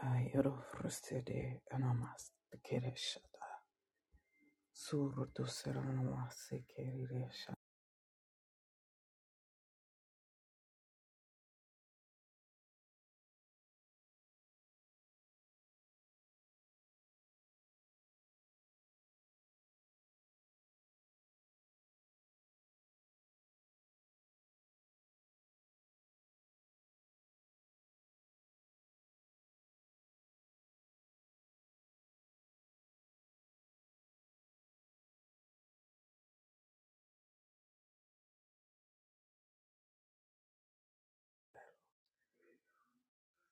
Ayro frustede anamas keresha surdu seranamas keresha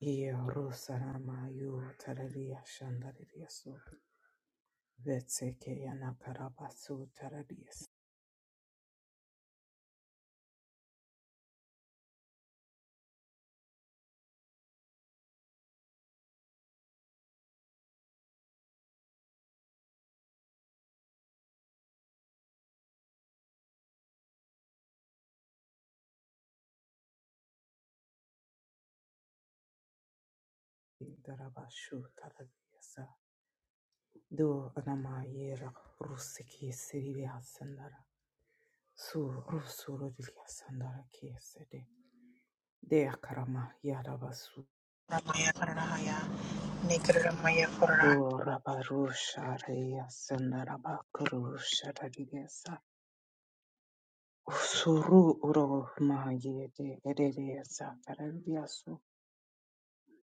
ye rosarama yu tararia shandaria so vetse ke yanakarabasu tararia darabashu tararia do anama ye rusiki siria sandara su rusuru diria sandara kesede de akarama yarabasu Ramaya Karahaya, Nikaraya Korahaya. Gorabarusha reyasana rabakurusha rariyasa. Usuru uro mahayede erereyasa karariyasu.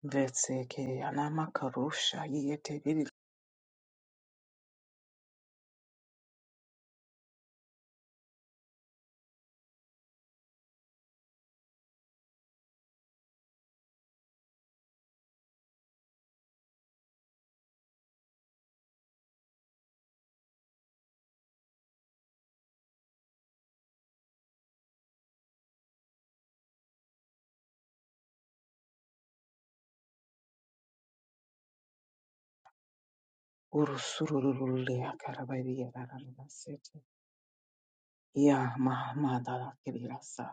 Ndetse ke yanamakarusha yiyete riri urusuru rurule akarabariya rararasete. Ya mahamada rakiriyasa.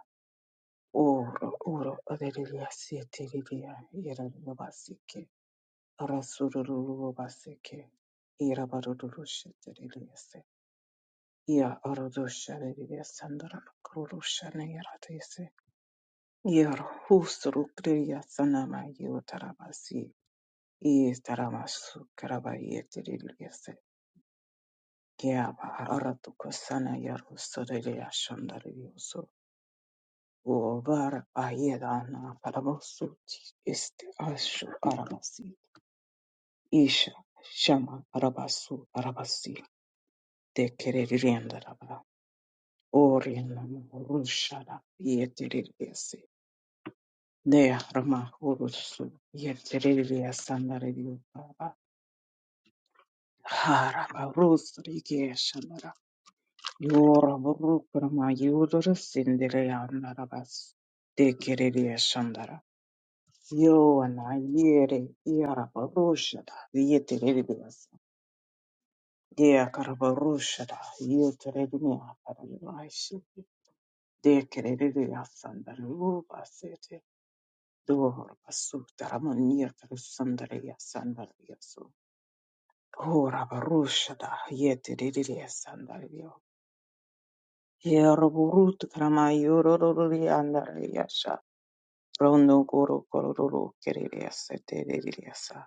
Uro uro erereyasete ririya yararabasike. Rasururu basike. Irabarurushete rereyase. Ia arodoshare ria sandara krodoshane yaratese. Ia husru kriya sanama yotarabasi. Ie taramasu karaba yetiriliese. Kiaba aratu kosana yaru sodelia shandarioso. Uobar ayedana parabosu este ashu arabasi. Isha shama arabasu arabasi. Te kereriendaraba. Orienam rushara yetiriliese. Dea Rama Urusu Yeterelia Sandario Baba Harama Rus Rigia Shamara Yora Burukrama Yudor Sinderea Narabas De Kerelia Shandara Yoana Yere Yaraba Rushada Yeterelias Dea Karaba Rushada Yeterelia Paralishi De Kerelia Sandaruba Sete Dor Basutaramanir Sandaria Sandaria Oh, Rabarusha da yete didiya sandario. Yeroburut kramayurorori andariasha. Rondo goro kororo keririasa tediriasa.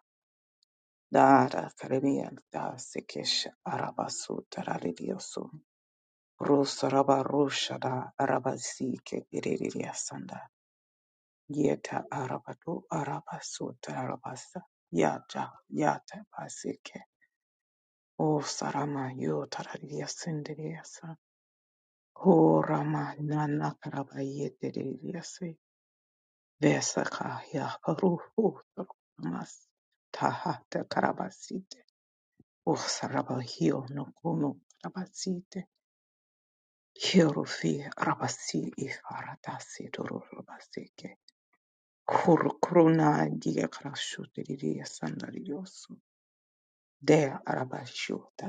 Dara karemian da sekesh arabasu tararidiosu. Rus rabarushada arabasi ke iririasanda. Yeta arabatu arabasu tarabasa. Yata yata basike. O sarama yo taradiasindiriasa. Horama nana karabayetereyase vesaka ya ruhu mas taha te karabasite osarabahio no kono karabasite hierofi rabasi i haratasi dororabasike kur krona dia karashuteriria sandariosu de arabashuta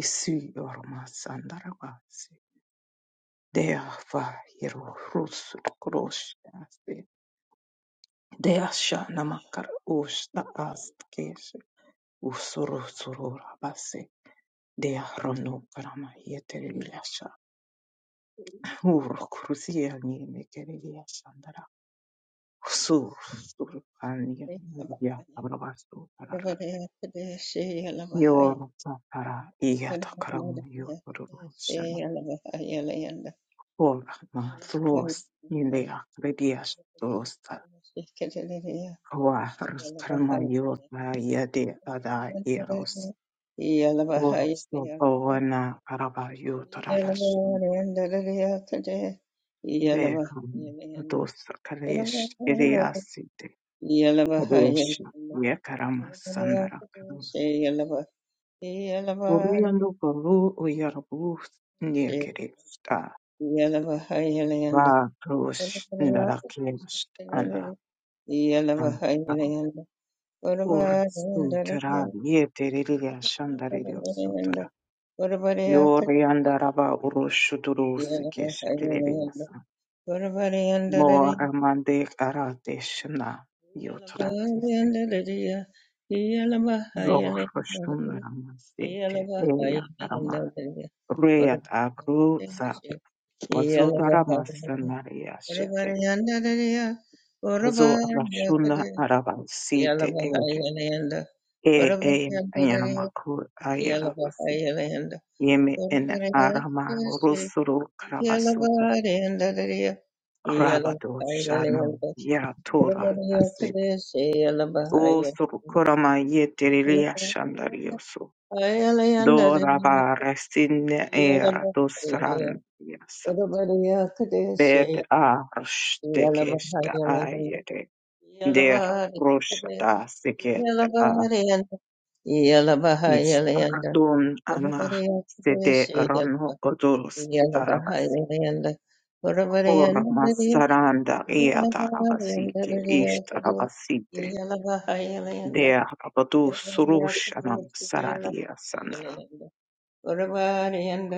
isi orma sandarabasi de fa hierofi krosh Deasha namakar usta ast keše usuru surura base dea rono karama yetere bilasha uru kurusia ni mekere bilasha ndara usur suru Yalava, kanya ya abrabastu karara yor tatara iya takaram yor rushana ora ma thlos ni dea kredias thlos ta karama yot ma yade ada eros Oso Ona araba yurtdosh ve dost kardeş eriyasıydı. Kardeş niye karamaz sandara kadar. Oruyanda koru uyarabu niye keresta. Yalabahayalayanda. Va kruş nara kerest ala Yalabahayalayanda. ala. Ursu tera Urabadayandalaya- niye terili yaşandar ediyorsu Yalabahayalayanda. tera. Urabadayaka- Yoruyanda araba uruşu durusu keşi Yalabahayalayanda. Mora Urabadayandalaya- mande karadeshna yotratisiki. Yalabahayalayandalaya. Zor Yalabahayalayanda. hoshtunra masete eya karama. Yalabahayalayandalaya. Reya tabruza. Urabadayandalaya- Vazudara Yalabahayalayanda. masanaria shete. Urabadayandalaya. Kuzo arashuna Urabadayakadaya. Yala arabasite ete. Bahayalanda, E e Urabahayalanda, yanamakur Yala ayarabasi. Bahayalanda, Yeme en Urabahayalanda, arama rusuru Yala karabasuta. Bahayalanda, Yala Rabado shana Bahayalanda, yaratura Urabahayalanda, Yala Bahayalanda, O Ayalanda, Sokorama Yala Yeterilia Bahayalanda, Shandarioso, Urabahayalanda, Yala Bahayalanda, Doraba Restin Era Dosrandiasa, Bed Arstekesta Ayede, Dera Roshata Seketa Yala A, Bahayalanda, Yala Bahayalanda, Ishardon Ama, Yalaba, Sede Yalaba, Rano Odolos Tarabasi. Horma saranda ea tarabasi, ke ish tarabasite, dea rabadus rushanam sararia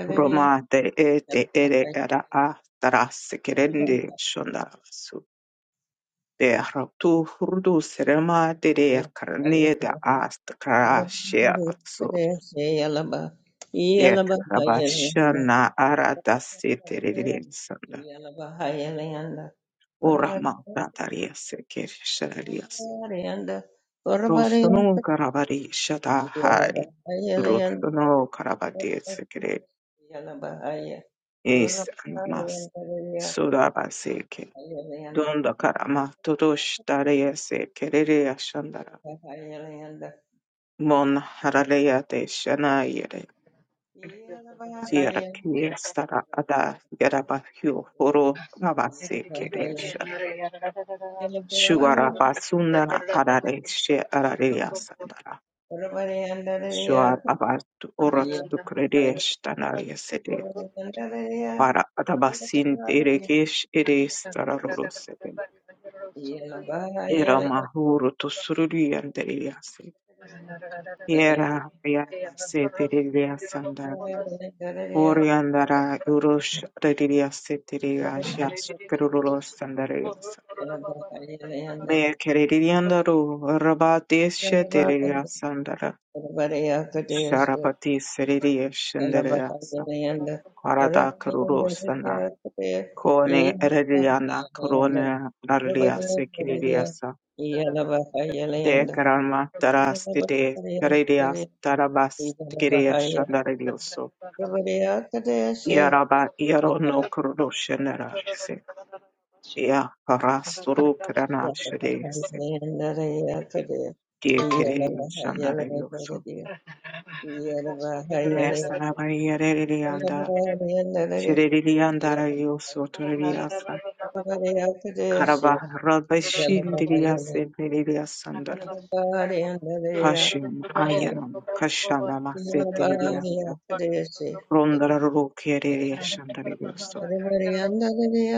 Roma de ete ere era a taras kerende shondasu. De raptu hurdu serema de de karnie de ast karashia su. De krabashana ara dasi tererins. Yalaba, Urama Yalaba, tatarias kerisharias. Rostono karavari shata hai. Rostono karabades kere is namas. Sudabase Donda karama todosh daraya se kerere ashandara. Mon Yeah. haraleya de shana yere. Sierra kie stara ada yaraba hyo horo rabase keresha. Shuara basunara arare she arareya sandara. Shuar abat orot tu kredesh tanaya sede. Para adabasin deregesh ere stara Era mahuru to sururi andereyase. Yera Yavaseteria Sanda Oriandara Urush Radiria Setiria Jas Kerulos Sandarias Mea Keririandaru Rabatis Yeah. Sheteria Sandara Sharapati Seriria Shandariasa Karada Kerulosana Kone Erediana Korone Narlia Sekiriasa De Karama Tarastite Keridias Tarabas Tikiria Yavareyakadeshe, Yaraba yaro no Yavarayakarayakadaya, kurushanara se ya parasturu krana shede se Yavarayakaraya, Yavarayakaraya, die kere Yavarayakaraya, shandara yoso Yavareyakadeshe, Yavarayakadaya, nesana bari yareri yanda Yavarayakaraya, shireri yandara yoso toreri yasa Yavareyakadeshe, karaba rabashin diri yase nereri yasandara Yavarayakaraya, hashim ayanam kashana maseteri Yavarayakaraya, yasa rondara ru kereri yashandara yoso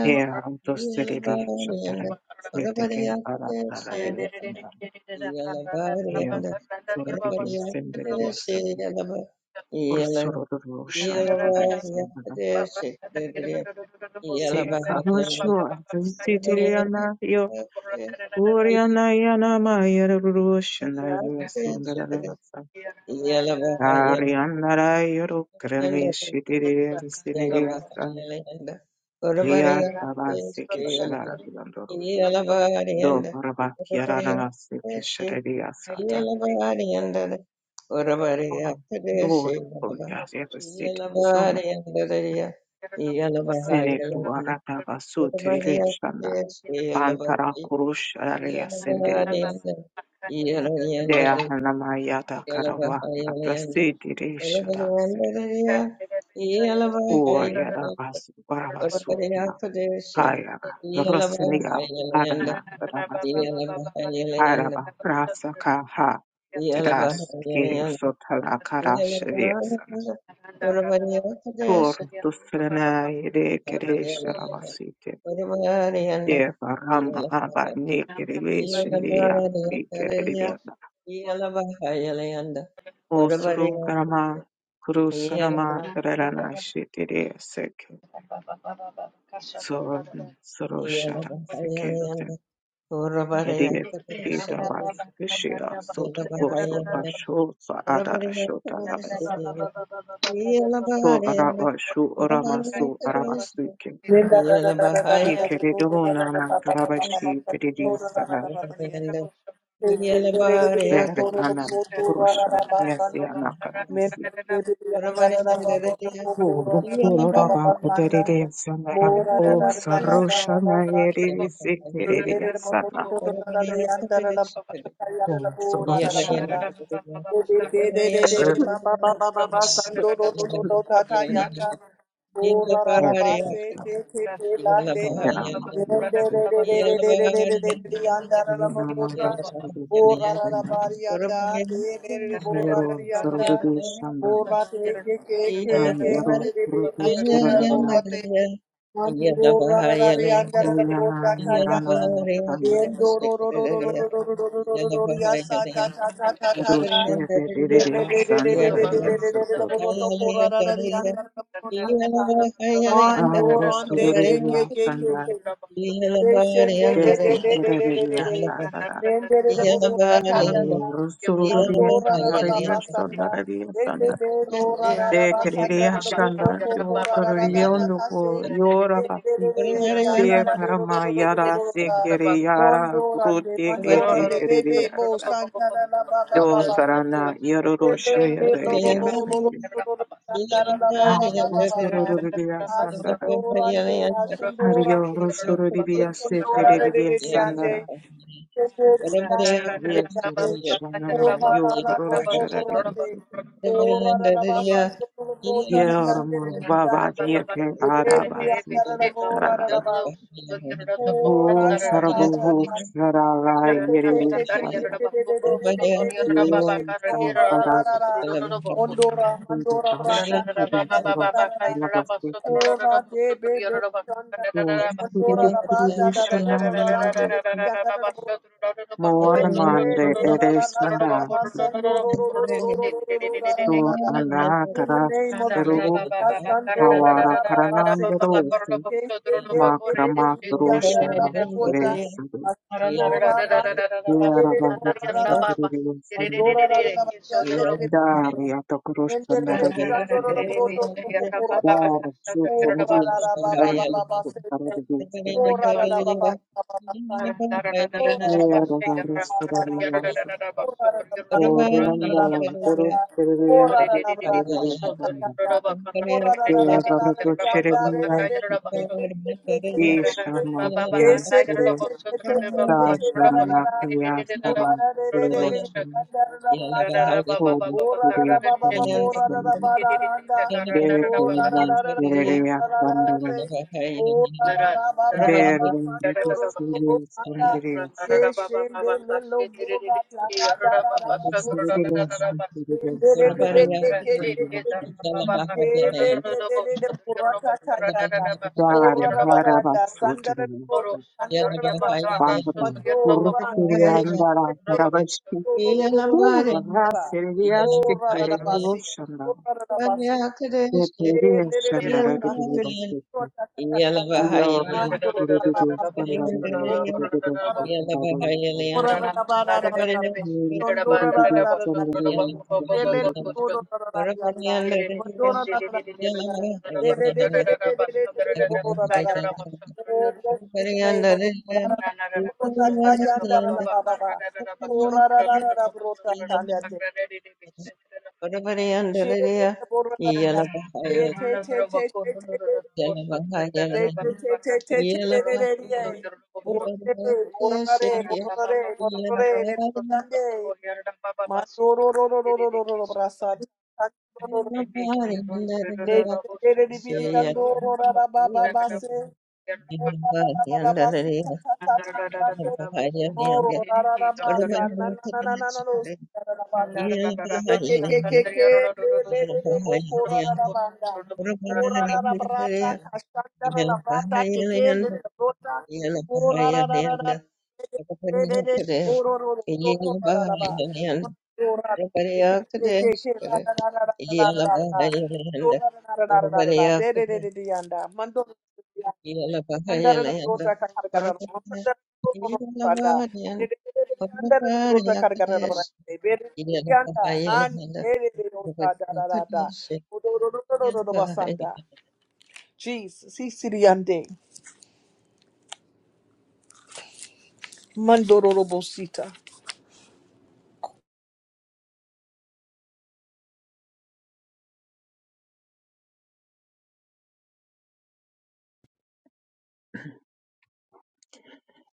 hera dosteri yashandara yete ke arandara Yeah, sorry, Yellow, it is sending yes, or sorrow the ocean, the yes, see, how sure this city and your Oriana Yana Maya Russian, I will assume that I Ariana Yoro Granby, she did it as in India, Ria Tabasi Kishara Landoro, Do Rabakiara Nasi Kisharia Sata. Iyala bhariyanda, Oh, oravaariyathadeshi. Lord, oh yes, every Iyala city, bhariyanda, Iyala Sene bhariyala bu yanda, arata basu terili oravaariyathadeshi. Iyala Bantara kurush araya bhariyala senderi biyasi. yanda, Iyala Deya hanama yada karava bhariyala yanda, atlasi diri shada siri. oravaariyanda, Iyala bhariyala yanda, oravaariyanda, Iyala bhariyala yanda, yada basu barabasu na oravaariyathadeshi. hayara. Iyala Rasini ya bhariyala yanda, adana barabasi. Iyala bhariyala yanda, Haraba rasa ka ha. Iyala Tadas bhariyala kiri yanda. sotala Yeah. karash riyasana. Kur tusrana yede kere Devarama Abba Nikiri Shindia Vikiridia Osurunkarama Kurusanama Karana Shitiri Seke Sorn Soroshara Sekete Idiot Vidavas Vishia Soto Oso Asho Adara Shota Rabes So Araba Shu Orama Su Arabasuke Thank Zikeridona Karabashi Tididi Sana Vere Anam Kurusha Messiana Karamasi you. Yelere ma po to to to da da yanda da da ba ka ka yanda da bo ra da da ba da. O De de de de de de ba ba ba Yeah. ba ba ba ba do do do do do da, da ba se te te te lan de. Yende de de de de de de de de de de yanda da da, ba bo ta. O ra ra da ba ri yanda de de de de bo ra da, Borra te ke ke ke Yeah. ke ra de de de ke te re borra te Mando rande ke ke Arostururiya ke ke sanda ke. Mondorande, este kereriya sandara. Arostururiya sandariya sandariya sandara. De kereriya sandara yo tururiya ondo ko yora basi se karama yara se kere yara brute ete Mondorande, Bebe, kereriya Bo, sa. Sandara, La, Ba, Ba, Ba, Do Yeah. Ba, Site. sarana yororo shaya Bebe, Lo, Lo, deririya Lo, Lo, seke. Lo, Lo, Lo, Lo, lo, Sandara, La, Ba, Ba, Ba, Ba, Ba, Sa. Arostururiya sandara. Ashendorande, Hariyo Ashendorande. arostururiya se tereriya sandara. Yande, Yes, Rishama, you Kurusharabisiki. Yerma, Baba, Yeke, the baby, Arabasi, Sarara. the Oh, ra Who tha tha Sarabu, tha who tha tha, Te Sharara, te Yeri, te te te te Sarana. te te te te te te te te te You te. Oh, ra ra ra Sarabara, ra ra. Mondora, Sidi mandora, Bash, branda, kaya Sidi ra ra Kurus, ra ra Lavasiki. Oh, ra te be be shanda. Who Sidi Mondora, ra banda, ra ra ra ra ra Kurishana, Yeri. ra ra ra ra ra. In More Mande, Thank Ereshana. you. Sur Allah, the Taras, name of Teruru, Jesus, Asandora Kawara, Rababasete, Karanandero, Makrama Roshana Yandara Bogota, Sresada Asandora Bande, Yarava Sendere Bora Vitasana Andora Rabandere Darya Takroshana Sendere Sandoro Radiasana Broto Pura, Dara Chuta Mura Radiasana Rabababasete, Radiasana Mura Rabababasete. Yarava Rastaradiasa Orianda Veros Radiasi Radiasana Yarava Radiasana Yeah, Ishama Yasura Sashana Yasara Radiasana Holy Spirit, in us, Lord. Bear fragrance, Gloria, Thunderum. Bora O ra ra ba ba ba Bear ba wonderful sandoro bo serious, sanda. Gloriosa. Keshendele lo bora la ba da ra ra ra bo so. Exteriors, Glorious, Mando the Gloriosa. Dar, Haravas, Utrum. Vandabam, Urtiriandara, Haravashti. Pura, Rasirias, Tikirioshandara. Yeah. Tikirioshandara, Thank Tondora Delele do you. do do do da da da. Bodo da da da da. De de de de de de de de de de de bodo da da da da. Oh, blessed be the name of the Lord. Da da da. Bodo da da yan da da da ba ba ba. Oh, da da da da da bro da da da da. She de de bodo da da. Te te te te te te te. Te te te te te te de de de de. Bodo Yeah. de bodo da de bodo da de bodo de de de de. Mandoro ro ro ro ro ro ro ro brasa. Neshekereribiriyandororarabababase. Orarararabasi, ta, ta, ta, ta, yande. Moro ra ra ra basa na na na na na na no sa ra ra basa. Ke ke ke ke ke le le le le boko ra ra ra banda. Mora ra ra brata kashanda ra ta ka sa ta ra brata ke ke le le brota. Mora ra ra ra ra ra le le le le boro ro ro ro ro ro ra ra ra ba. Mora ke ke ke ke ke ra ra ra ra ra ra ra ra. Yalabahayalayanda, Mora ra ra ra ra ra ra ra. ra. De de de de Urvarayakuna, de yanda. Mando Andara na Yalabahayalayanda, brota karkar karana Urvarayakuna, mandara brota sanda Yalabahayalayanda, bede bede andara na brota karkar karana Urvarayakadash, bede bede anda han Yalabahayalayanda, bede bede sanda da da da Urvarayakadash, odoro do do do do basanda Yalabahayalayanda. Jesus, he siriande, mandororobosita.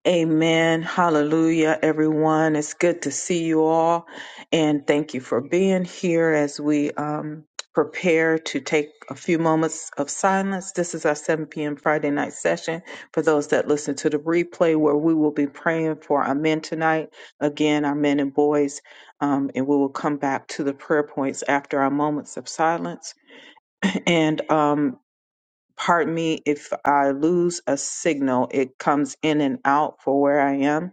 Amen. Hallelujah, everyone. It's good to see you all. And thank you for being here as we um, prepare to take a few moments of silence. This is our 7 p.m. Friday night session for those that listen to the replay, where we will be praying for our men tonight. Again, our men and boys. Um, and we will come back to the prayer points after our moments of silence. And um, pardon me if I lose a signal, it comes in and out for where I am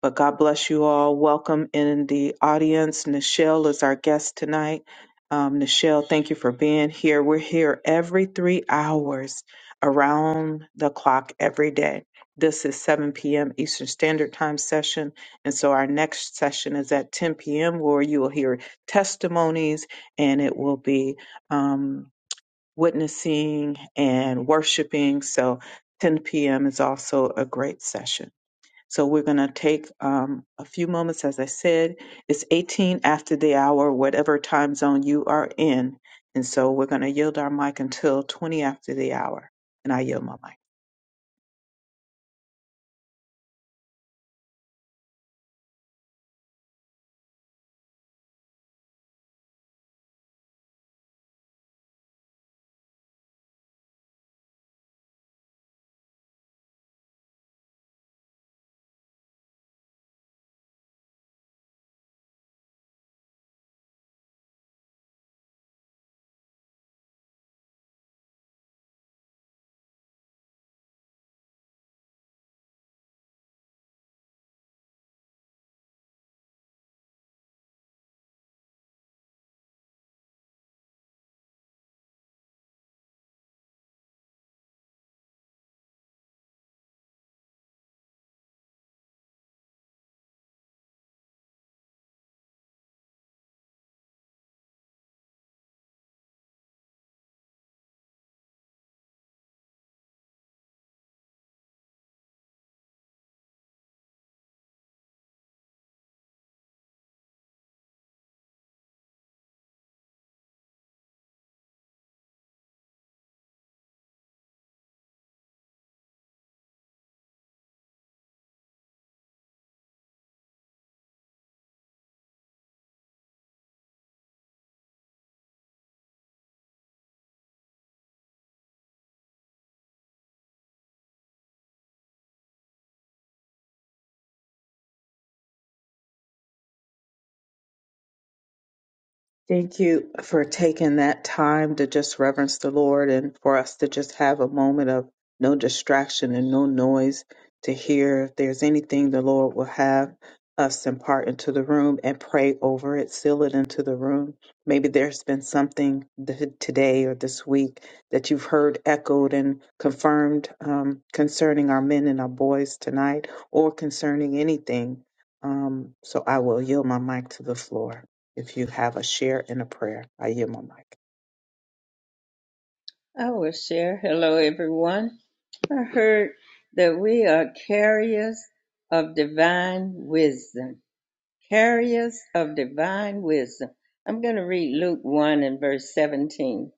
but God bless you all. Welcome in the audience. Nichelle is our guest tonight. Um, Nichelle, thank you for being here. We're here every three hours around the clock every day. This is 7 p.m. Eastern Standard Time session. And so our next session is at 10 p.m., where you will hear testimonies and it will be um, witnessing and worshiping. So 10 p.m. is also a great session. So we're going to take um, a few moments. As I said, it's 18 after the hour, whatever time zone you are in. And so we're going to yield our mic until 20 after the hour. And I yield my mic. Thank you for taking that time to just reverence the Lord and for us to just have a moment of no distraction and no noise to hear if there's anything the Lord will have us impart into the room and pray over it, seal it into the room. Maybe there's been something th- today or this week that you've heard echoed and confirmed um, concerning our men and our boys tonight or concerning anything. Um, so I will yield my mic to the floor if you have a share and a prayer. I yield my mic. I will share. Hello, everyone. I heard that we are carriers of divine wisdom. Carriers of divine wisdom. I'm going to read Luke 1 and verse 17.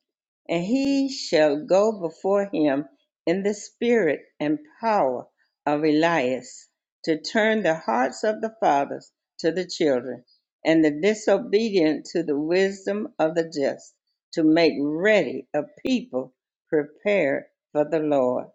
and he shall go before him in the spirit and power of Elias to turn the hearts of the fathers to the children and the disobedient to the wisdom of the just to make ready a people prepared for the Lord.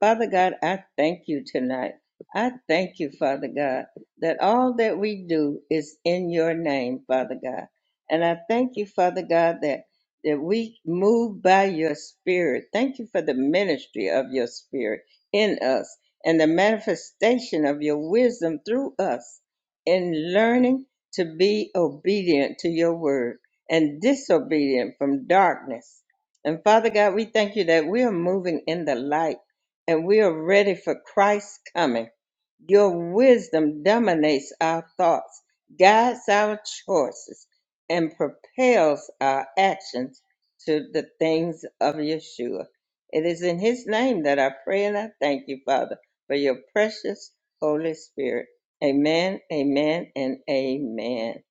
Father God, I thank you tonight. I thank you, Father God, that all that we do is in your name, Father God. And I thank you, Father God, that that we move by your spirit. Thank you for the ministry of your spirit in us and the manifestation of your wisdom through us in learning to be obedient to your word and disobedient from darkness. And Father God, we thank you that we are moving in the light and we are ready for Christ's coming. Your wisdom dominates our thoughts, guides our choices, and propels our actions to the things of Yeshua. It is in His name that I pray and I thank you, Father, for your precious Holy Spirit. Amen, amen, and amen.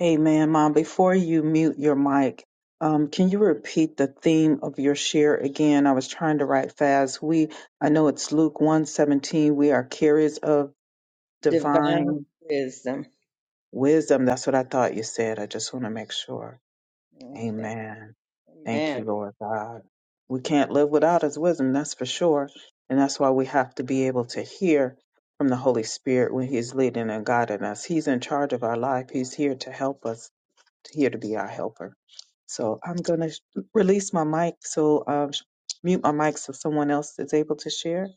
Amen, Mom. Before you mute your mic, um, can you repeat the theme of your share again? I was trying to write fast. We, I know it's Luke one seventeen. We are carriers of Divine divine wisdom. wisdom. That's what I thought you said. I just want to make sure. Okay, Amen. Thank amen. you, Lord God. We can't live without His wisdom, that's for sure. And that's why we have to be able to hear from the Holy Spirit when He's leading and guiding us. He's in charge of our life, He's here to help us, here to be our helper. So I'm going to release my mic, so um, mute my mic so someone else is able to share.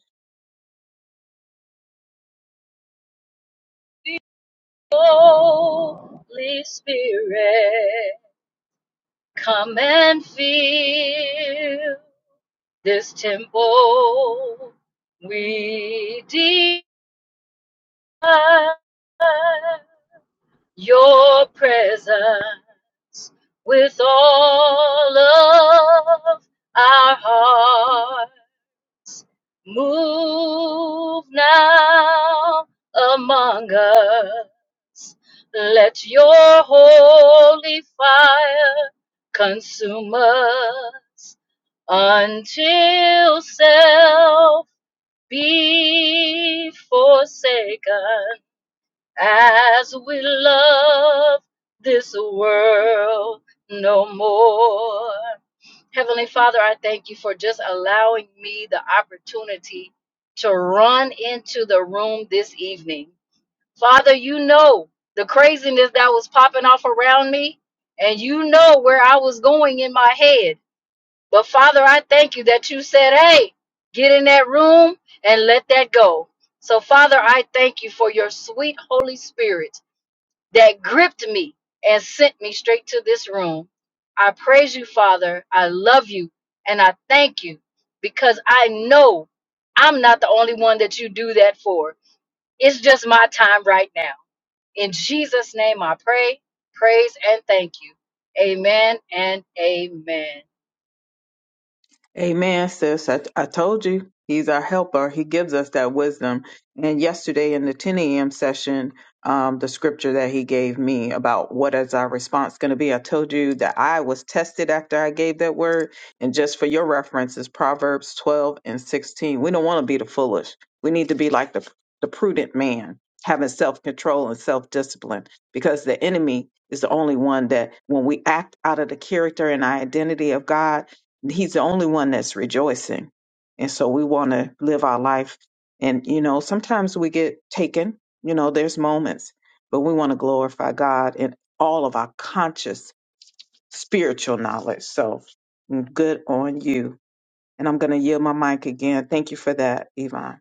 Holy Spirit, come and fill this temple. We desire your presence with all of our heart. Move now among us. Let your holy fire consume us until self be forsaken as we love this world no more. Heavenly Father, I thank you for just allowing me the opportunity to run into the room this evening. Father, you know the craziness that was popping off around me, and you know where I was going in my head. But Father, I thank you that you said, hey, get in that room and let that go. So, Father, I thank you for your sweet Holy Spirit that gripped me and sent me straight to this room. I praise you, Father. I love you and I thank you because I know I'm not the only one that you do that for. It's just my time right now. In Jesus' name I pray, praise, and thank you. Amen and amen. Amen, sis. I, I told you he's our helper. He gives us that wisdom. And yesterday in the 10 a.m. session, um, the scripture that he gave me about what is our response going to be, I told you that I was tested after I gave that word. And just for your reference, is Proverbs 12 and 16. We don't want to be the foolish. We need to be like the, the prudent man, having self control and self discipline, because the enemy is the only one that when we act out of the character and identity of God, he's the only one that's rejoicing and so we want to live our life and you know sometimes we get taken you know there's moments but we want to glorify god in all of our conscious spiritual knowledge so mm, good on you and i'm going to yield my mic again thank you for that yvonne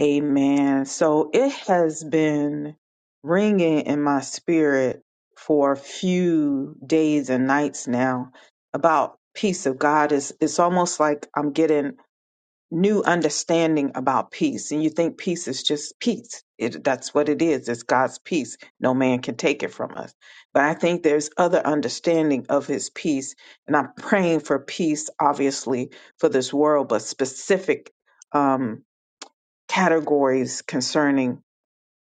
Amen. So it has been ringing in my spirit for a few days and nights now about peace of God. It's, it's almost like I'm getting new understanding about peace. And you think peace is just peace. It, that's what it is. It's God's peace. No man can take it from us. But I think there's other understanding of his peace. And I'm praying for peace, obviously, for this world, but specific. Um, categories concerning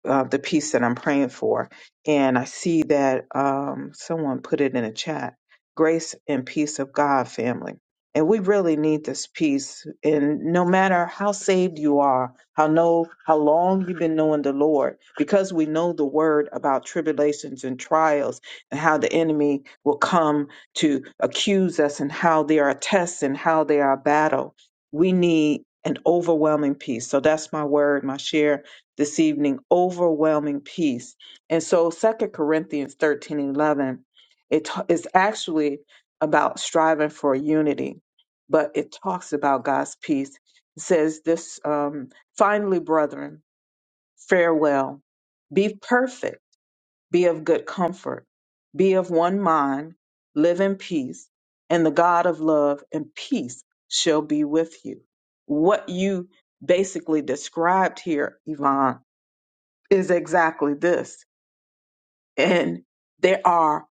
uh, the peace that I'm praying for. And I see that um, someone put it in a chat grace and peace of God, family. And we really need this peace. And no matter how saved you are, how know how long you've been knowing the Lord, because we know the word about tribulations and trials and how the enemy will come to accuse us and how there are tests and how there are battle. We need an overwhelming peace. So that's my word, my share this evening overwhelming peace and so Second corinthians 13 11, it ta- is actually about striving for unity but it talks about god's peace it says this um, finally brethren farewell be perfect be of good comfort be of one mind live in peace and the god of love and peace shall be with you what you basically described here yvonne is exactly this. And there are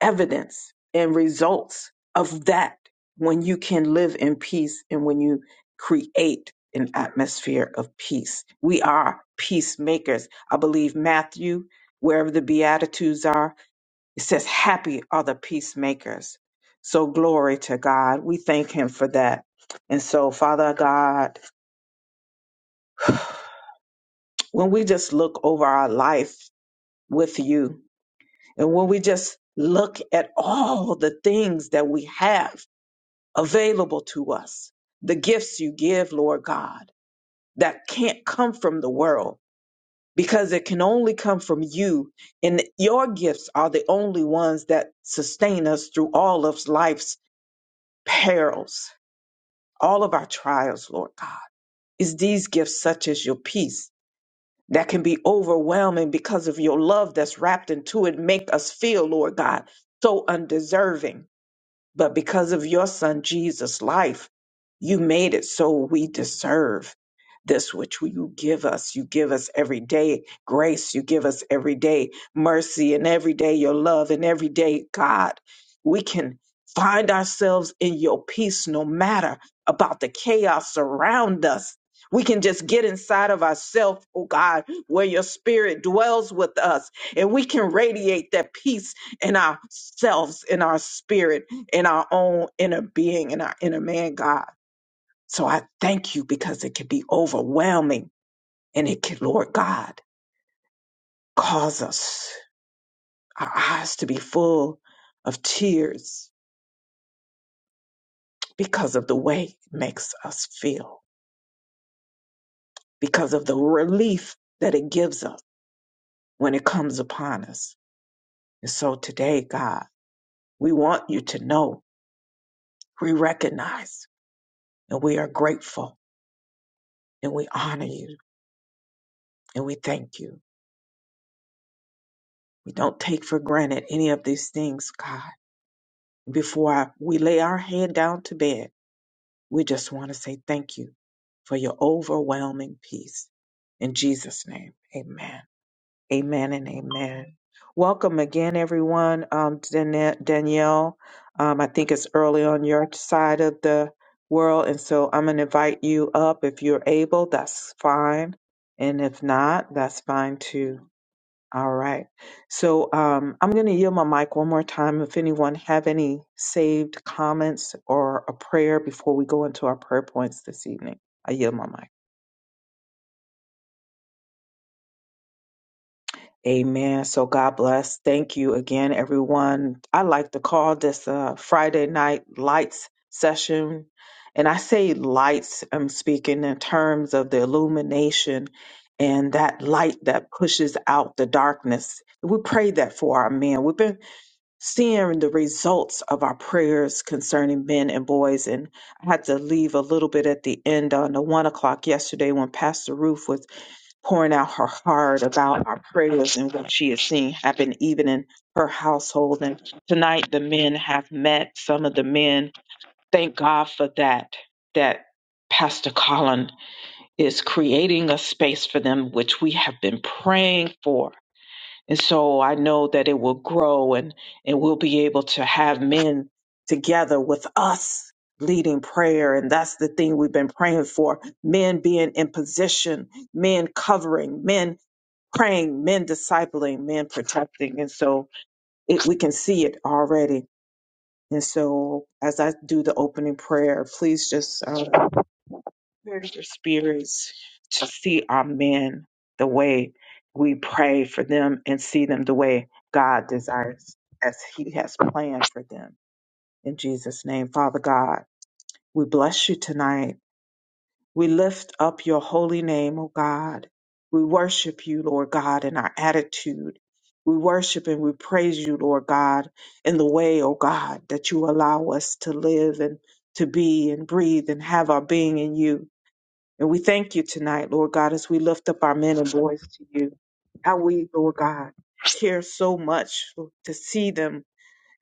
evidence and results of that when you can live in peace and when you create an atmosphere of peace. We are peacemakers. I believe Matthew, wherever the Beatitudes are, it says, Happy are the peacemakers. So glory to God. We thank Him for that. And so, Father God, when we just look over our life with you, And when we just look at all the things that we have available to us, the gifts you give, Lord God, that can't come from the world because it can only come from you. And your gifts are the only ones that sustain us through all of life's perils, all of our trials, Lord God. It's these gifts, such as your peace, that can be overwhelming because of your love that's wrapped into it, make us feel, Lord God, so undeserving But because of your son Jesus' life, you made it so we deserve this which you give us. You give us every day grace. You give us every day mercy and every day your love and every day, God, we can find ourselves in your peace no matter about the chaos around us. We can just get inside of ourselves, oh God, where your spirit dwells with us, and we can radiate that peace in ourselves, in our spirit in our own inner being, in our inner man, God. So I thank you because it can be overwhelming and it can, Lord God, cause us, our eyes to be full of tears because of the way it makes us feel, because of the relief that it gives us when it comes upon us. And so today, God, we want you to know, we recognize, and we are grateful, and we honor you, and we thank you. We don't take for granted any of these things, God. Before I, we lay our head down to bed, we just want to say thank you for your overwhelming peace. In Jesus' name, amen. Amen and amen. Welcome again, everyone. Um, Dan- Danielle, um, I think it's early on your side of the world, and so I'm going to invite you up if you're able. That's fine. And if not, that's fine too. All right. So um, I'm going to yield my mic one more time. If anyone have any saved comments or a prayer before we go into our prayer points this evening, I yield my mic. Amen. So God bless. Thank you again, everyone. I like to call this a Friday night lights session. And I say lights, I'm speaking in terms of the illumination and that light that pushes out the darkness. We pray that for our men. We've been seeing the results of our prayers concerning men and boys. And I had to leave a little bit at the end on the one o'clock yesterday when Pastor Ruth was pouring out her heart about our prayers and what she is seeing happen even in her household. And tonight the men have met some of the men. Thank God for that, that Pastor Colin is creating a space for them, which we have been praying for and so I know that it will grow and, and we'll be able to have men together with us leading prayer. And that's the thing we've been praying for men being in position, men covering, men praying, men discipling, men protecting. And so it, we can see it already. And so as I do the opening prayer, please just uh, encourage their spirits to see our men the way we pray for them and see them the way God desires as He has planned for them. In Jesus' name, Father God, we bless you tonight. We lift up your holy name, O God. We worship you, Lord God, in our attitude. We worship and we praise you, Lord God, in the way, O God, that you allow us to live and to be and breathe and have our being in you. And we thank you tonight, Lord God, as we lift up our men and boys to you. How we, Lord God, care so much to see them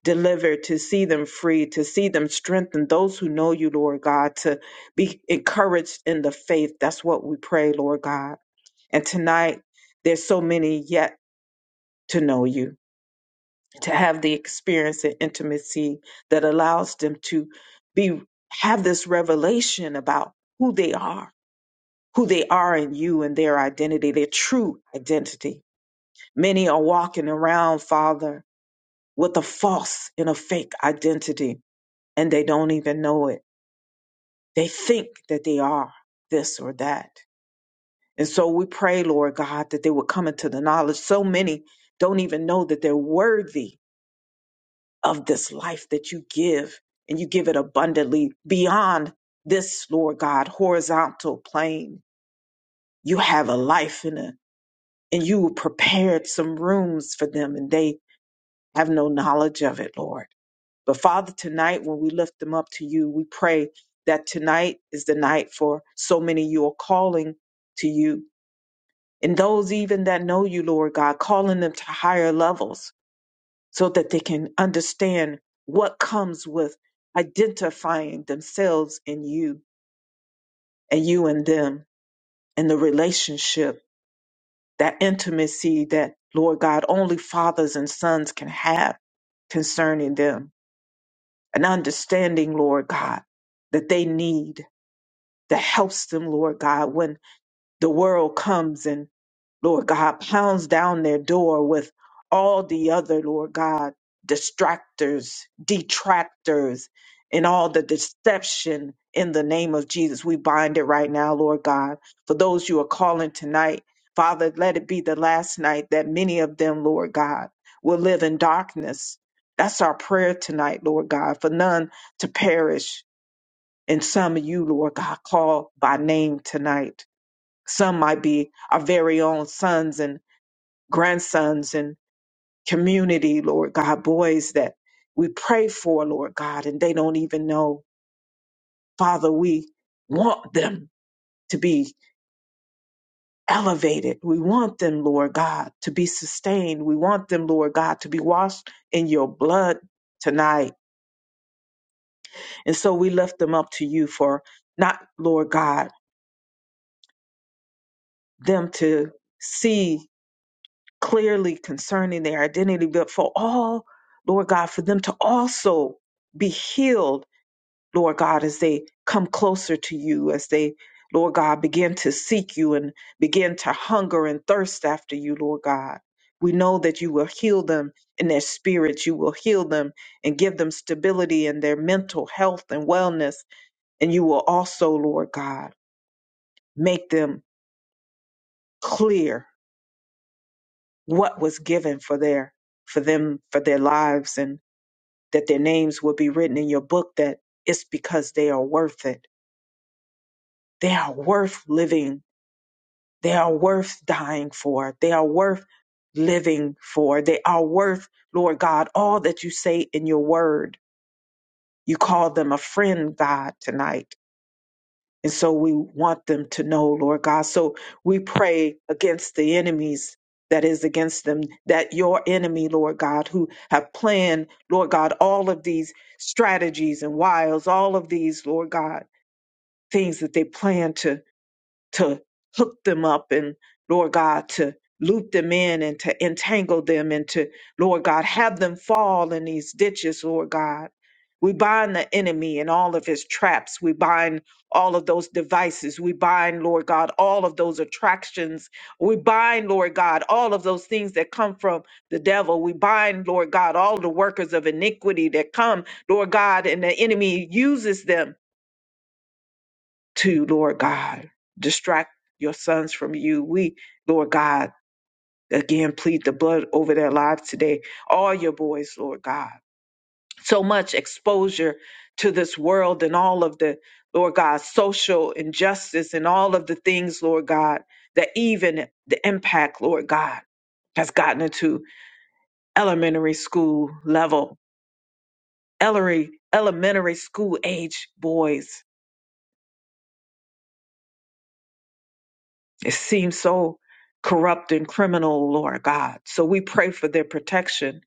delivered, to see them free, to see them strengthened. Those who know you, Lord God, to be encouraged in the faith. That's what we pray, Lord God. And tonight, there's so many yet to know you, to have the experience and intimacy that allows them to be have this revelation about who they are who they are in you and their identity, their true identity. Many are walking around, Father, with a false and a fake identity, and they don't even know it. They think that they are this or that. And so we pray, Lord God, that they would come into the knowledge. So many don't even know that they're worthy of this life that you give, and you give it abundantly beyond this, Lord God, horizontal plane. You have a life in a. and you prepared some rooms for them and they have no knowledge of it, Lord. But Father, tonight when we lift them up to you, we pray that tonight is the night for so many you are calling to you. And those even that know you, Lord God, calling them to higher levels so that they can understand what comes with identifying themselves in you and you and them and the relationship that intimacy that, Lord God, only fathers and sons can have concerning them, an understanding, Lord God, that they need that helps them, Lord God, when the world comes Lord God, pounds down their door with all the other, Lord God, distractors, detractors, and all the deception in the name of Jesus. We bind it right now, Lord God. For those you are calling tonight, Father, let it be the last night that many of them, Lord God, will live in darkness. That's our prayer tonight, Lord God, for none to perish. And some of you, Lord God, call by name tonight. Some might be our very own sons and grandsons and community, Lord God, boys that we pray for, Lord God, and they don't even know. Father, we want them to be elevated. We want them, Lord God, to be sustained. We want them, Lord God, to be washed in your blood tonight. And so we lift them up to you for not, Lord God, them to see clearly concerning their identity, but for all, Lord God, for them to also be healed Lord God, as they come closer to you, as they, Lord God, begin to seek you and begin to hunger and thirst after you, Lord God. We know that you will heal them in their spirits. You will heal them and give them stability in their mental health and wellness. And you will also, Lord God, make them clear what was given for their for them for their lives and that their names will be written in your book that it's because they are worth it. They are worth living They are worth dying for. They are worth living for. They are worth, Lord God, all that you say in your word. You call them a friend, God, tonight. And so we want them to know, Lord God. So we pray against the enemies that is against them, that your enemy, Lord God, who have planned, Lord God, all of these strategies and wiles, all of these, Lord God, things that they plan to to hook them up and Lord God to loop them in and to entangle them and to Lord God have them fall in these ditches, Lord God. We bind the enemy and all of his traps. We bind all of those devices. We bind, Lord God, all of those attractions. We bind, Lord God, all of those things that come from the devil. We bind, Lord God, all the workers of iniquity that come, Lord God, and the enemy uses them to Lord God. Distract your sons from you. We, Lord God, again plead the blood over their lives today. All your boys, Lord God. So much exposure to this world and all of the, Lord God, social injustice and all of the things, Lord God, that even the impact, Lord God, has gotten into elementary school level, elementary, elementary school age boys It seems so corrupt and criminal, Lord God. So we pray for their protection.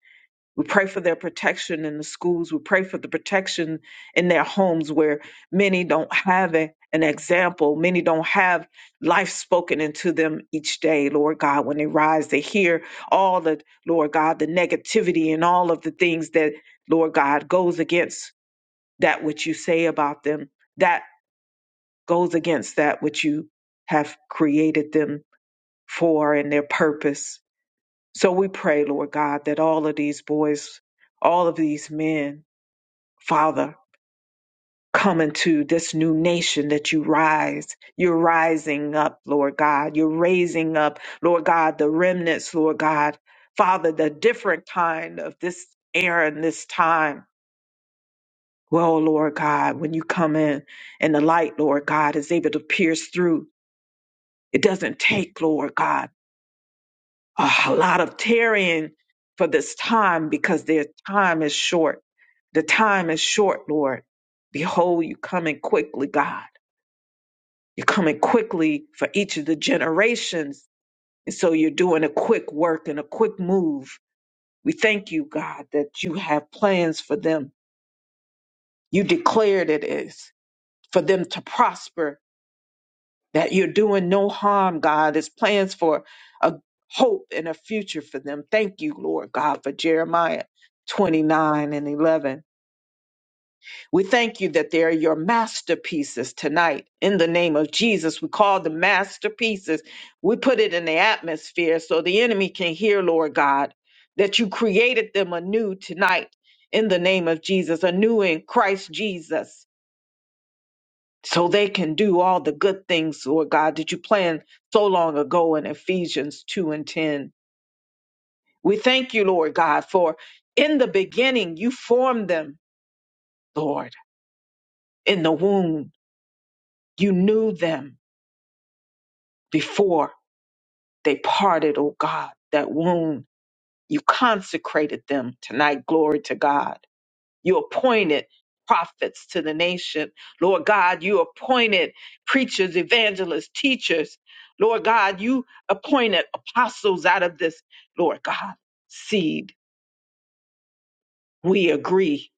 We pray for their protection in the schools. We pray for the protection in their homes where many don't have a, an example. Many don't have life spoken into them each day, Lord God. When they rise, they hear all the, Lord God, the negativity and all of the things that, Lord God, goes against that which you say about them, that goes against that which you have created them for and their purpose. So we pray, Lord God, that all of these boys, all of these men, Father, come into this new nation that you rise. You're rising up, Lord God. You're raising up, Lord God, the remnants, Lord God. Father, the different kind of this era and this time. Well, Lord God, when you come in and the light, Lord God, is able to pierce through, it doesn't take, Lord God. a lot of tarrying for this time because their time is short. The time is short, Lord. Behold, you coming quickly, God. You're coming quickly for each of the generations. And so you're doing a quick work and a quick move. We thank you, God, that you have plans for them. You declared it is for them to prosper that you're doing no harm, God. It's plans for a hope and a future for them. Thank you, Lord God, for Jeremiah 29 and 11. We thank you that they are your masterpieces tonight. In the name of Jesus, we call the masterpieces. We put it in the atmosphere so the enemy can hear, Lord God, that you created them anew tonight. In the name of Jesus, anew in Christ Jesus so they can do all the good things, Lord God, that you planned so long ago in Ephesians 2 and 10. We thank you, Lord God, for in the beginning you formed them, Lord, in the womb. You knew them before they parted, oh God, that womb. You consecrated them tonight. Glory to God. You appointed prophets to the nation. Lord God, you appointed preachers, evangelists, teachers. Lord God, you appointed apostles out of this, Lord God, seed. We agree.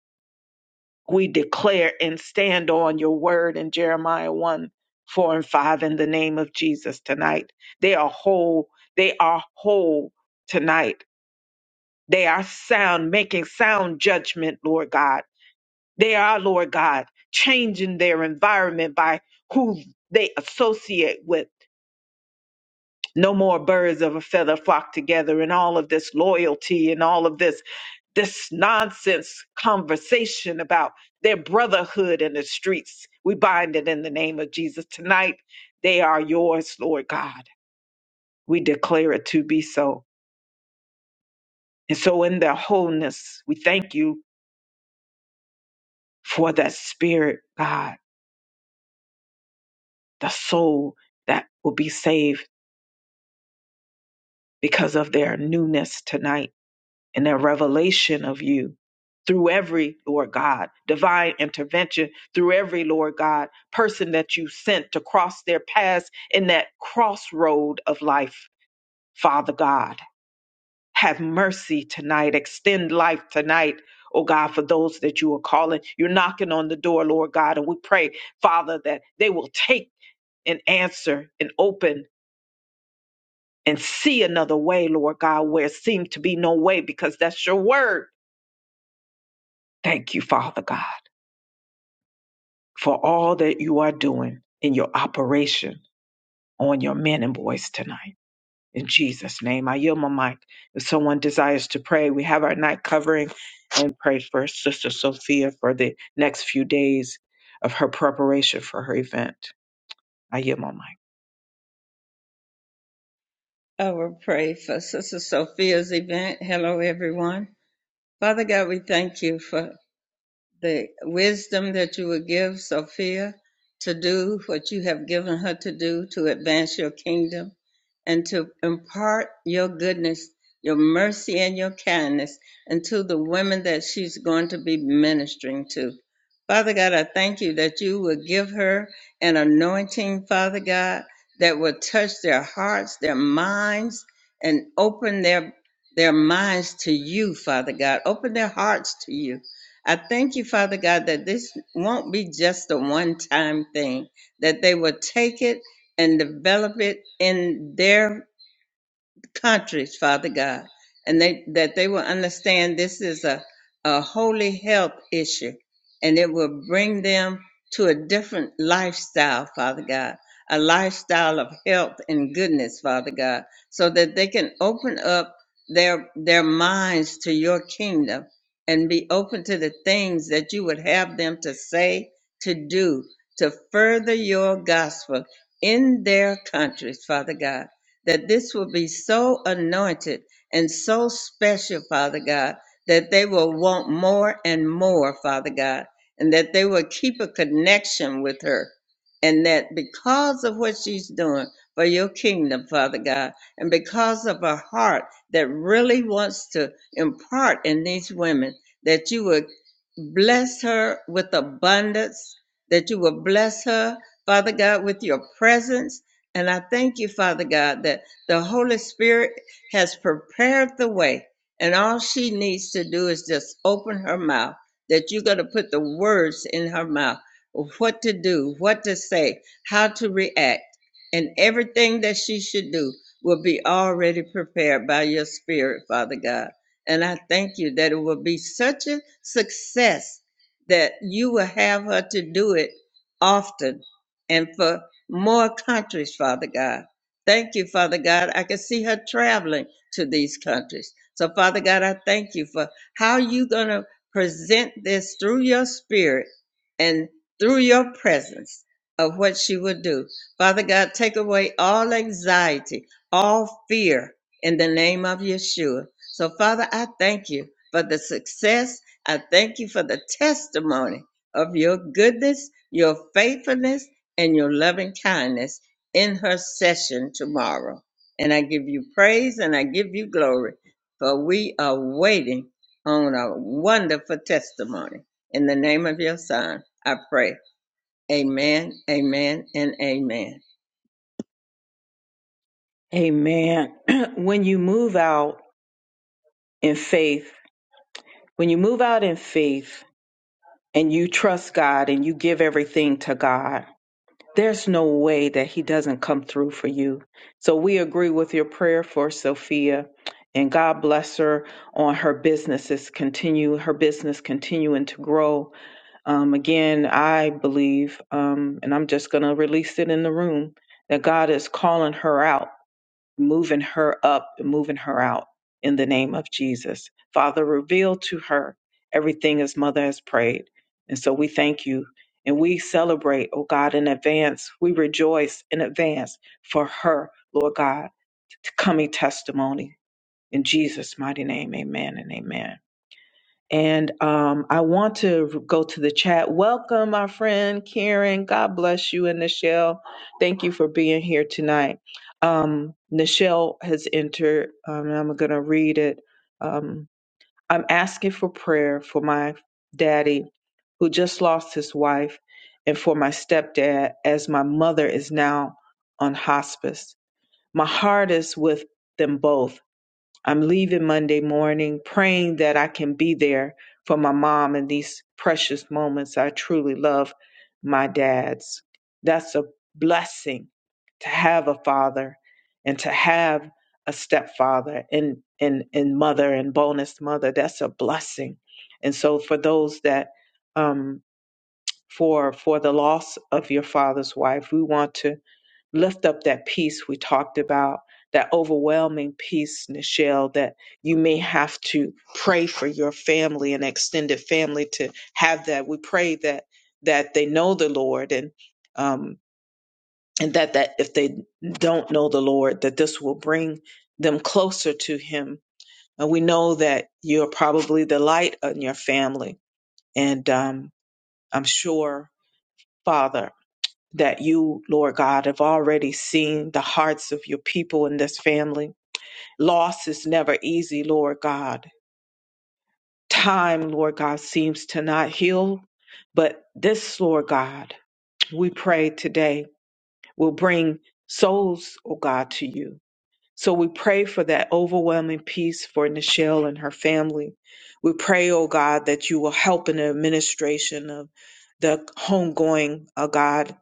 We declare and stand on your word in Jeremiah 1 4 and 5 in the name of Jesus tonight. They are whole. They are whole tonight. They are sound, making sound judgment, Lord God They are, Lord God, changing their environment by who they associate with. No more birds of a feather flock together and all of this loyalty and all of this this nonsense conversation about their brotherhood in the streets. We bind it in the name of Jesus. Tonight they are yours, Lord God. We declare it to be so. And so in their wholeness, we thank you for that spirit, God, the soul that will be saved because of their newness tonight and their revelation of you through every Lord God, divine intervention through every Lord God person that you sent to cross their paths in that crossroad of life. Father God, have mercy tonight, extend life tonight. Oh God, for those that you are calling, you're knocking on the door, Lord God, and we pray, Father, that they will take and answer and open and see another way, Lord God, where it seemed to be no way because that's your word. Thank you, Father God, for all that you are doing in your operation on your men and boys tonight. In Jesus' name, I yield my mic. If someone desires to pray, we have our night covering and pray for Sister Sophia for the next few days of her preparation for her event. I yield my mic. I will pray for Sister Sophia's event. Hello, everyone. Father God, we thank you for the wisdom that you would give Sophia to do what you have given her to do to advance your kingdom and to impart your goodness, your mercy, and your kindness unto the women that she's going to be ministering to. Father God, I thank you that you will give her an anointing, Father God, that will touch their hearts, their minds, and open their their minds to you, Father God. Open their hearts to you. I thank you, Father God, that this won't be just a one time thing, that they will take it and develop it in their countries, Father God, and they, that they will understand this is a, a holy health issue and it will bring them to a different lifestyle, Father God, a lifestyle of health and goodness, Father God, so that they can open up their, their minds to your kingdom and be open to the things that you would have them to say, to do, to further your gospel in their countries, Father God that this will be so anointed and so special, Father God, that they will want more and more, Father God, and that they will keep a connection with her. And that because of what she's doing for your kingdom, Father God, and because of her heart that really wants to impart in these women, that you would bless her with abundance, that you will bless her, Father God, with your presence, and I thank you, Father God, that the Holy Spirit has prepared the way. And all she needs to do is just open her mouth, that you're going to put the words in her mouth of what to do, what to say, how to react. And everything that she should do will be already prepared by your Spirit, Father God. And I thank you that it will be such a success that you will have her to do it often and for more countries, Father God. Thank you, Father God. I can see her traveling to these countries. So, Father God, I thank you for how you going to present this through your spirit and through your presence of what she will do. Father God, take away all anxiety, all fear in the name of Yeshua. So, Father, I thank you for the success. I thank you for the testimony of your goodness, your faithfulness and your loving kindness in her session tomorrow. And I give you praise and I give you glory, for we are waiting on a wonderful testimony. In the name of your son, I pray. Amen, amen, and amen. Amen. when you move out in faith, when you move out in faith, and you trust God and you give everything to God, there's no way that He doesn't come through for you. So we agree with your prayer for Sophia. And God bless her on her businesses continue her business continuing to grow. Um, again, I believe, um, and I'm just going to release it in the room that God is calling her out moving her up and moving her out in the name of Jesus. Father, reveal to her everything as mother has prayed. And so we thank you and we celebrate, oh God, in advance. We rejoice in advance for her, Lord God, to coming testimony. In Jesus' mighty name, amen and amen. And um, I want to go to the chat. Welcome, my friend Karen. God bless you and Nichelle. Thank you for being here tonight. Um, Nichelle has entered, um, and I'm going to read it. Um, I'm asking for prayer for my daddy who just lost his wife and for my stepdad as my mother is now on hospice. My heart is with them both I'm leaving Monday morning, praying that I can be there for my mom in these precious moments. I truly love my dad's. That's a blessing to have a father and to have a stepfather and, and, and mother and bonus mother. That's a blessing. And so for those that um for for the loss of your father's wife, we want to lift up that peace we talked about, that overwhelming peace, Nichelle, that you may have to pray for your family and extended family to have that. We pray that that they know the Lord and um, and that that if they don't know the Lord, that this will bring them closer to Him. And we know that you're probably the light in your family, and um, I'm sure, Father that you, Lord God, have already seen the hearts of your people in this family. Loss is never easy, Lord God. Time, Lord God, seems to not heal, but this, Lord God, we pray today will bring souls, oh God, to you so we pray for that overwhelming peace for Nichelle and her family. We pray, oh God, that you will help in the administration of the homegoing, oh God,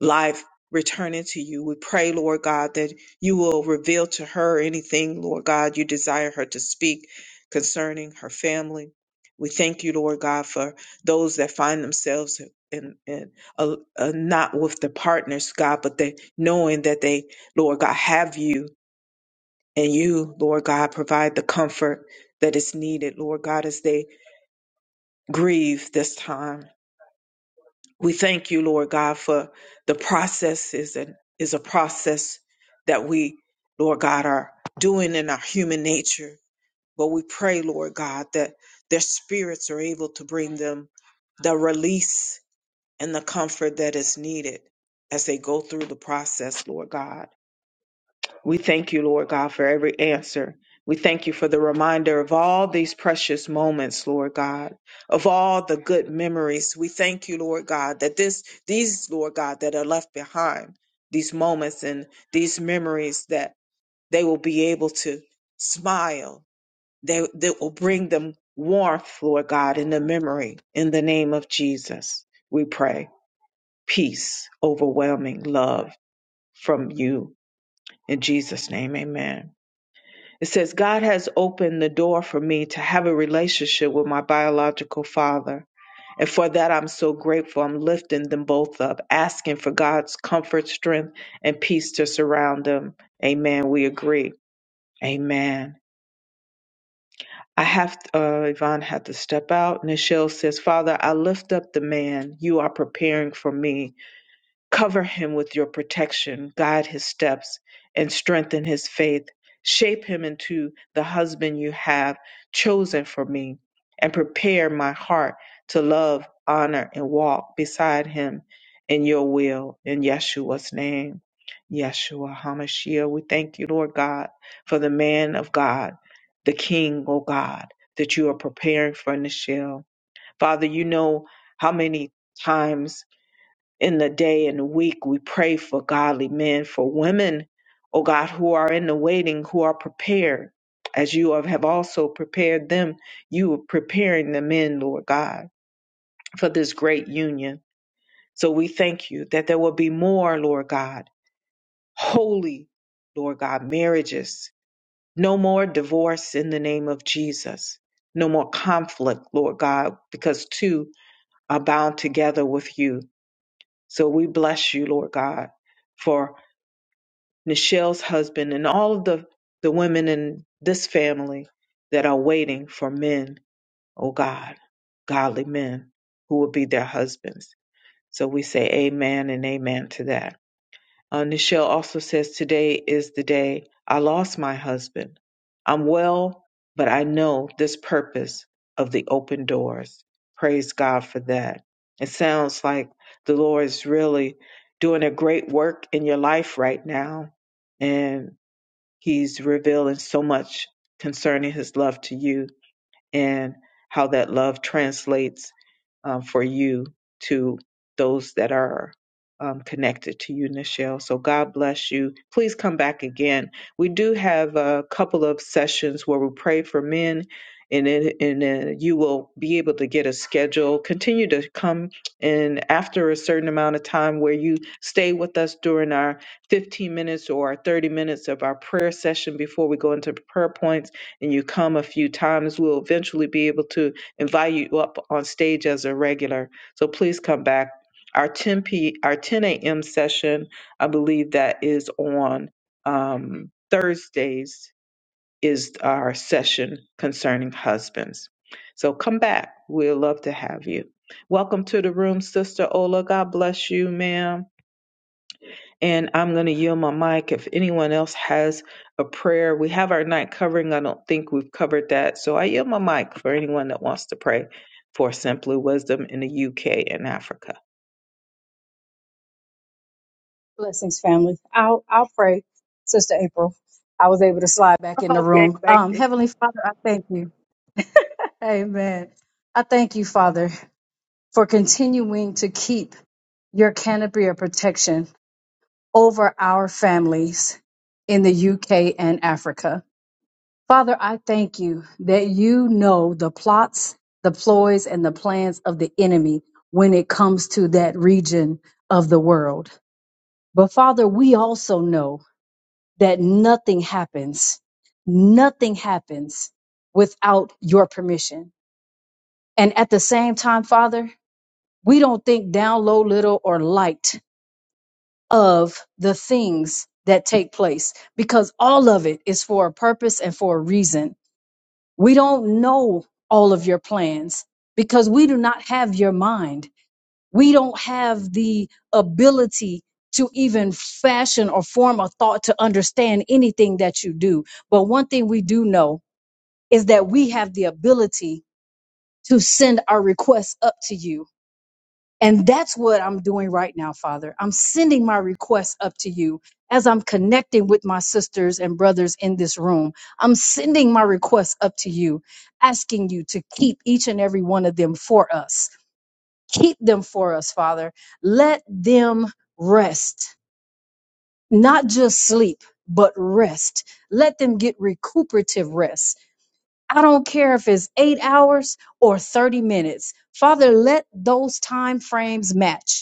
life returning to you. We pray, Lord God, that you will reveal to her anything, Lord God, you desire her to speak concerning her family. We thank you, Lord God, for those that find themselves in, in uh, uh, not with the partners, God, but they knowing that they, Lord God, have you and you, Lord God, provide the comfort that is needed, Lord God, as they grieve this time. We thank you, Lord God, for the process is, an, is a process that we, Lord God, are doing in our human nature. But we pray, Lord God, that their spirits are able to bring them the release and the comfort that is needed as they go through the process, Lord God. We thank you, Lord God, for every answer. We thank you for the reminder of all these precious moments, Lord God, of all the good memories. We thank you, Lord God, that this, these, Lord God, that are left behind, these moments and these memories that they will be able to smile. They, that will bring them warmth, Lord God, in the memory. In the name of Jesus, we pray peace, overwhelming love from you. In Jesus' name, amen. It says, God has opened the door for me to have a relationship with my biological father. And for that, I'm so grateful. I'm lifting them both up, asking for God's comfort, strength, and peace to surround them. Amen. We agree. Amen. I have, uh, Yvonne had to step out. Nichelle says, Father, I lift up the man you are preparing for me Cover him with your protection, guide his steps, and strengthen his faith. Shape him into the husband you have chosen for me, and prepare my heart to love, honor, and walk beside him in your will. In Yeshua's name, Yeshua HaMashiach, we thank you, Lord God, for the man of God, the King, O God, that you are preparing for Nichelle. Father, you know how many times in the day and the week. We pray for godly men, for women, O God, who are in the waiting, who are prepared. As you have have also prepared them, you are preparing the men, Lord God, for this great union. So we thank you that there will be more, Lord God, holy, Lord God, marriages. No more divorce in the name of Jesus. No more conflict, Lord God, because two are bound together with you. So we bless you, Lord God, for Nichelle's husband, and all of the, the women in this family that are waiting for men, oh God, godly men who will be their husbands. So we say amen and amen to that. Uh, Nichelle also says, Today is the day I lost my husband. I'm well, but I know this purpose of the open doors. Praise God for that. It sounds like the Lord is really doing a great work in your life right now. And He's revealing so much concerning his love to you and how that love translates um, for you to those that are um, connected to you, Nichelle. So God bless you. Please come back again. We do have a couple of sessions where we pray for men, and then, and then you will be able to get a schedule. Continue to come, and after a certain amount of time, where you stay with us during our 15 minutes or our 30 minutes of our prayer session before we go into prayer points, and you come a few times, we'll eventually be able to invite you up on stage as a regular. So please come back. Our 10 p our 10 a.m. session, I believe that is on um, Thursdays is our session concerning husbands. So come back. We'd love to have you. Welcome to the room, Sister Ola. God bless you, ma'am. And I'm going to yield my mic if anyone else has a prayer. We have our night covering. I don't think we've covered that. So I yield my mic for anyone that wants to pray for Simply Wisdom in the UK and Africa. Blessings, family. I'll I'll pray, Sister April. I was able to slide back in the Okay, room. thank Um, you. Heavenly Father, I thank you. Amen. I thank you, Father. for continuing to keep your canopy of protection over our families in the UK and Africa. Father, I thank you that you know the plots, the ploys, and the plans of the enemy when it comes to that region of the world. But Father, we also know that nothing happens, nothing happens without your permission. And at the same time, Father, we don't think down low, little, or light of the things that take place because all of it is for a purpose and for a reason. We don't know all of your plans because we do not have your mind. We don't have the ability to even fashion or form a thought to understand anything that you do. But one thing we do know is that we have the ability to send our requests up to you and that's what I'm doing right now, Father. I'm sending my requests up to you as I'm connecting with my sisters and brothers in this room. I'm sending my requests up to you, asking you to keep each and every one of them for us. Keep them for us, Father. Let them rest, not just sleep, but rest. Let them get recuperative rest. I don't care if it's eight hours or 30 minutes. Father, let those time frames match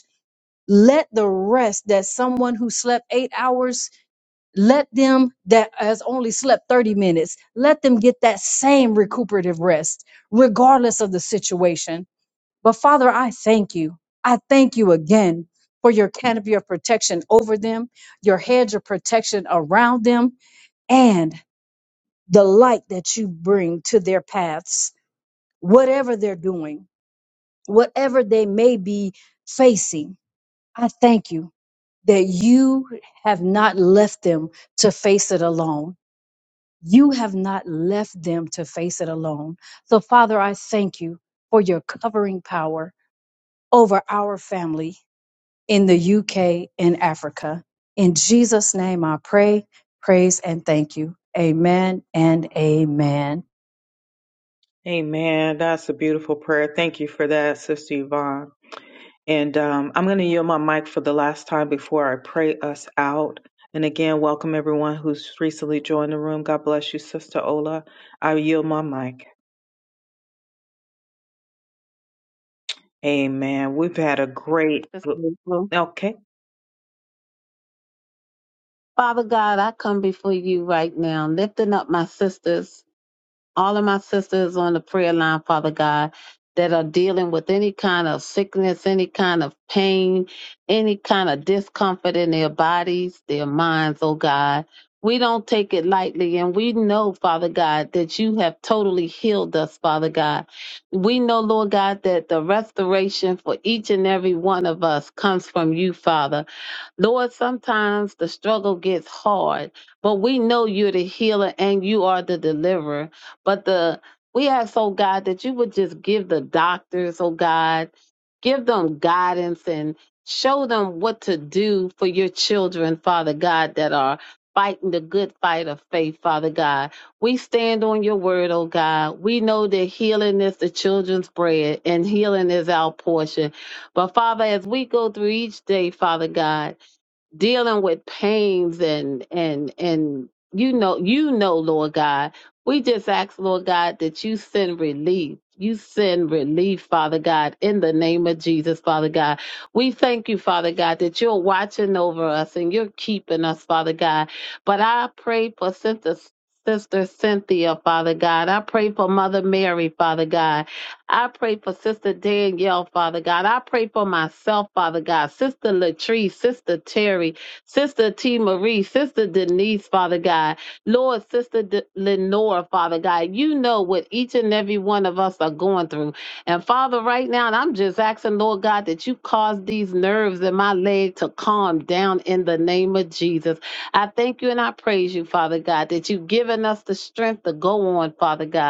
let the rest that someone who slept eight hours let them that has only slept 30 minutes let them get that same recuperative rest regardless of the situation but father i thank you i thank you again for your canopy of protection over them your hedge of protection around them and the light that you bring to their paths whatever they're doing whatever they may be facing i thank you that you have not left them to face it alone. You have not left them to face it alone. So, Father, I thank you for your covering power over our family in the UK and Africa. In Jesus' name, I pray, praise, and thank you. Amen and amen. Amen. That's a beautiful prayer. Thank you for that, Sister Yvonne. And um, I'm going to yield my mic for the last time before I pray us out. And again, welcome everyone who's recently joined the room. God bless you, Sister Ola. I yield my mic. Amen. We've had a great. That's grateful. Okay. Father God, I come before you right now, lifting up my sisters, all of my sisters on the prayer line, Father God, that are dealing with any kind of sickness, any kind of pain, any kind of discomfort in their bodies, their minds, oh God. We don't take it lightly, and we know, Father God, that you have totally healed us, Father God. We know, Lord God, that the restoration for each and every one of us comes from you, Father. Lord, sometimes the struggle gets hard, but we know you're the healer and you are the deliverer. But the we ask, oh God, that you would just give the doctors, oh God, give them guidance and show them what to do for your children, Father God, that are fighting the good fight of faith, Father God. We stand on your word, oh God. We know that healing is the children's bread and healing is our portion. But Father, as we go through each day, Father God, dealing with pains and and and you know you know lord god we just ask lord god that you send relief you send relief, Father God, in the name of Jesus, Father God. We thank you, Father God, that you're watching over us and you're keeping us, Father God. But I pray for Sister, Sister Cynthia, Father God. I pray for Mother Mary, Father God. I pray for Sister Danielle, Father God. I pray for myself, Father God. Sister Latrice, Sister Terry, Sister T. Marie, Sister Denise, Father God. Lord, Sister D- Lenore, Father God. You know what each and every one of us are going through. And Father, right now, and I'm just asking, Lord God, that you cause these nerves in my leg to calm down in the name of Jesus. I thank you and I praise you, Father God, that you've given us the strength to go on, Father God.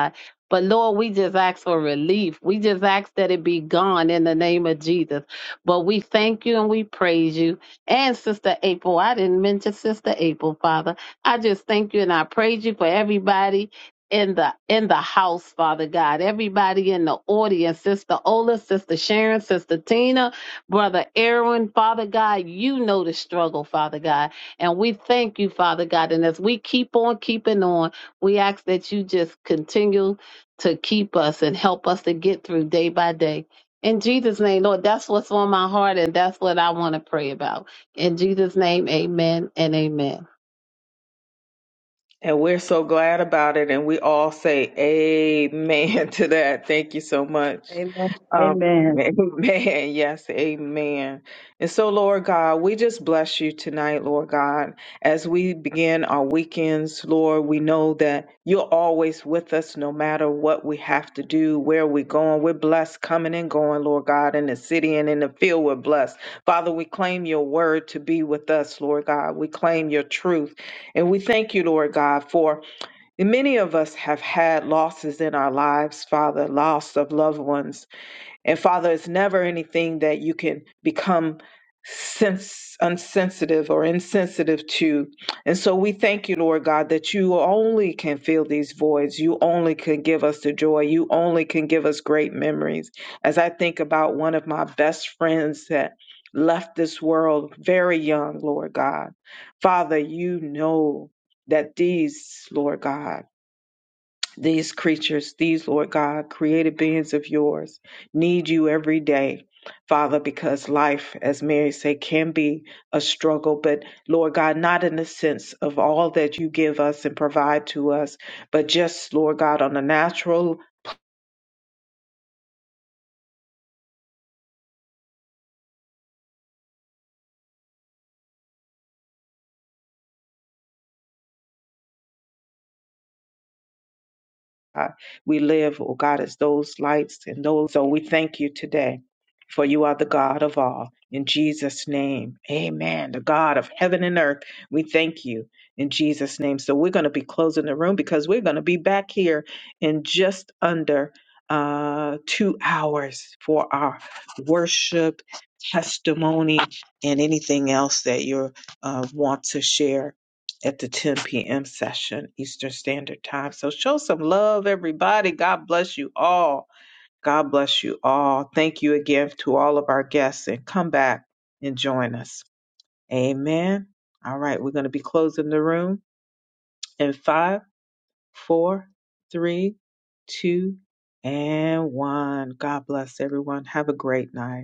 But Lord, we just ask for relief. We just ask that it be gone in the name of Jesus. But we thank you and we praise you. And Sister April, I didn't mention Sister April, Father. I just thank you and I praise you for everybody in the in the house, Father God. Everybody in the audience, Sister Ola, Sister Sharon, Sister Tina, Brother Aaron, Father God, you know the struggle, Father God. And we thank you, Father God. And as we keep on keeping on, we ask that you just continue to keep us and help us to get through day by day. In Jesus' name, Lord, that's what's on my heart and that's what I want to pray about. In Jesus' name, amen and amen. And we're so glad about it. And we all say amen to that. Thank you so much. Amen. Um, amen. Yes, amen. And so, Lord God, we just bless you tonight, Lord God. As we begin our weekends, Lord, we know that you're always with us no matter what we have to do, where we're going. We're blessed coming and going, Lord God, in the city and in the field. We're blessed. Father, we claim your word to be with us, Lord God. We claim your truth. And we thank you, Lord God, for many of us have had losses in our lives, Father, loss of loved ones, and Father, it's never anything that you can become sense unsensitive or insensitive to. And so we thank you, Lord God, that you only can fill these voids. You only can give us the joy. You only can give us great memories. As I think about one of my best friends that left this world very young, Lord God. Father, you know that these, Lord God, these creatures, these, Lord God, created beings of yours, need you every day, Father, because life, as Mary said, can be a struggle, but Lord God, not in the sense of all that you give us and provide to us, but just, Lord God, on a natural God. We live, oh God, as those lights and those. So we thank you today, for you are the God of all. In Jesus' name, amen. The God of heaven and earth, we thank you in Jesus' name. So we're going to be closing the room because we're going to be back here in just under uh, two hours for our worship, testimony, and anything else that you uh, want to share at the 10 p.m. session, Eastern Standard Time. So show some love, everybody. God bless you all. God bless you all. Thank you again to all of our guests and come back and join us. Amen. All right, we're going to be closing the room in five, four, three, two, and one. God bless everyone. Have a great night.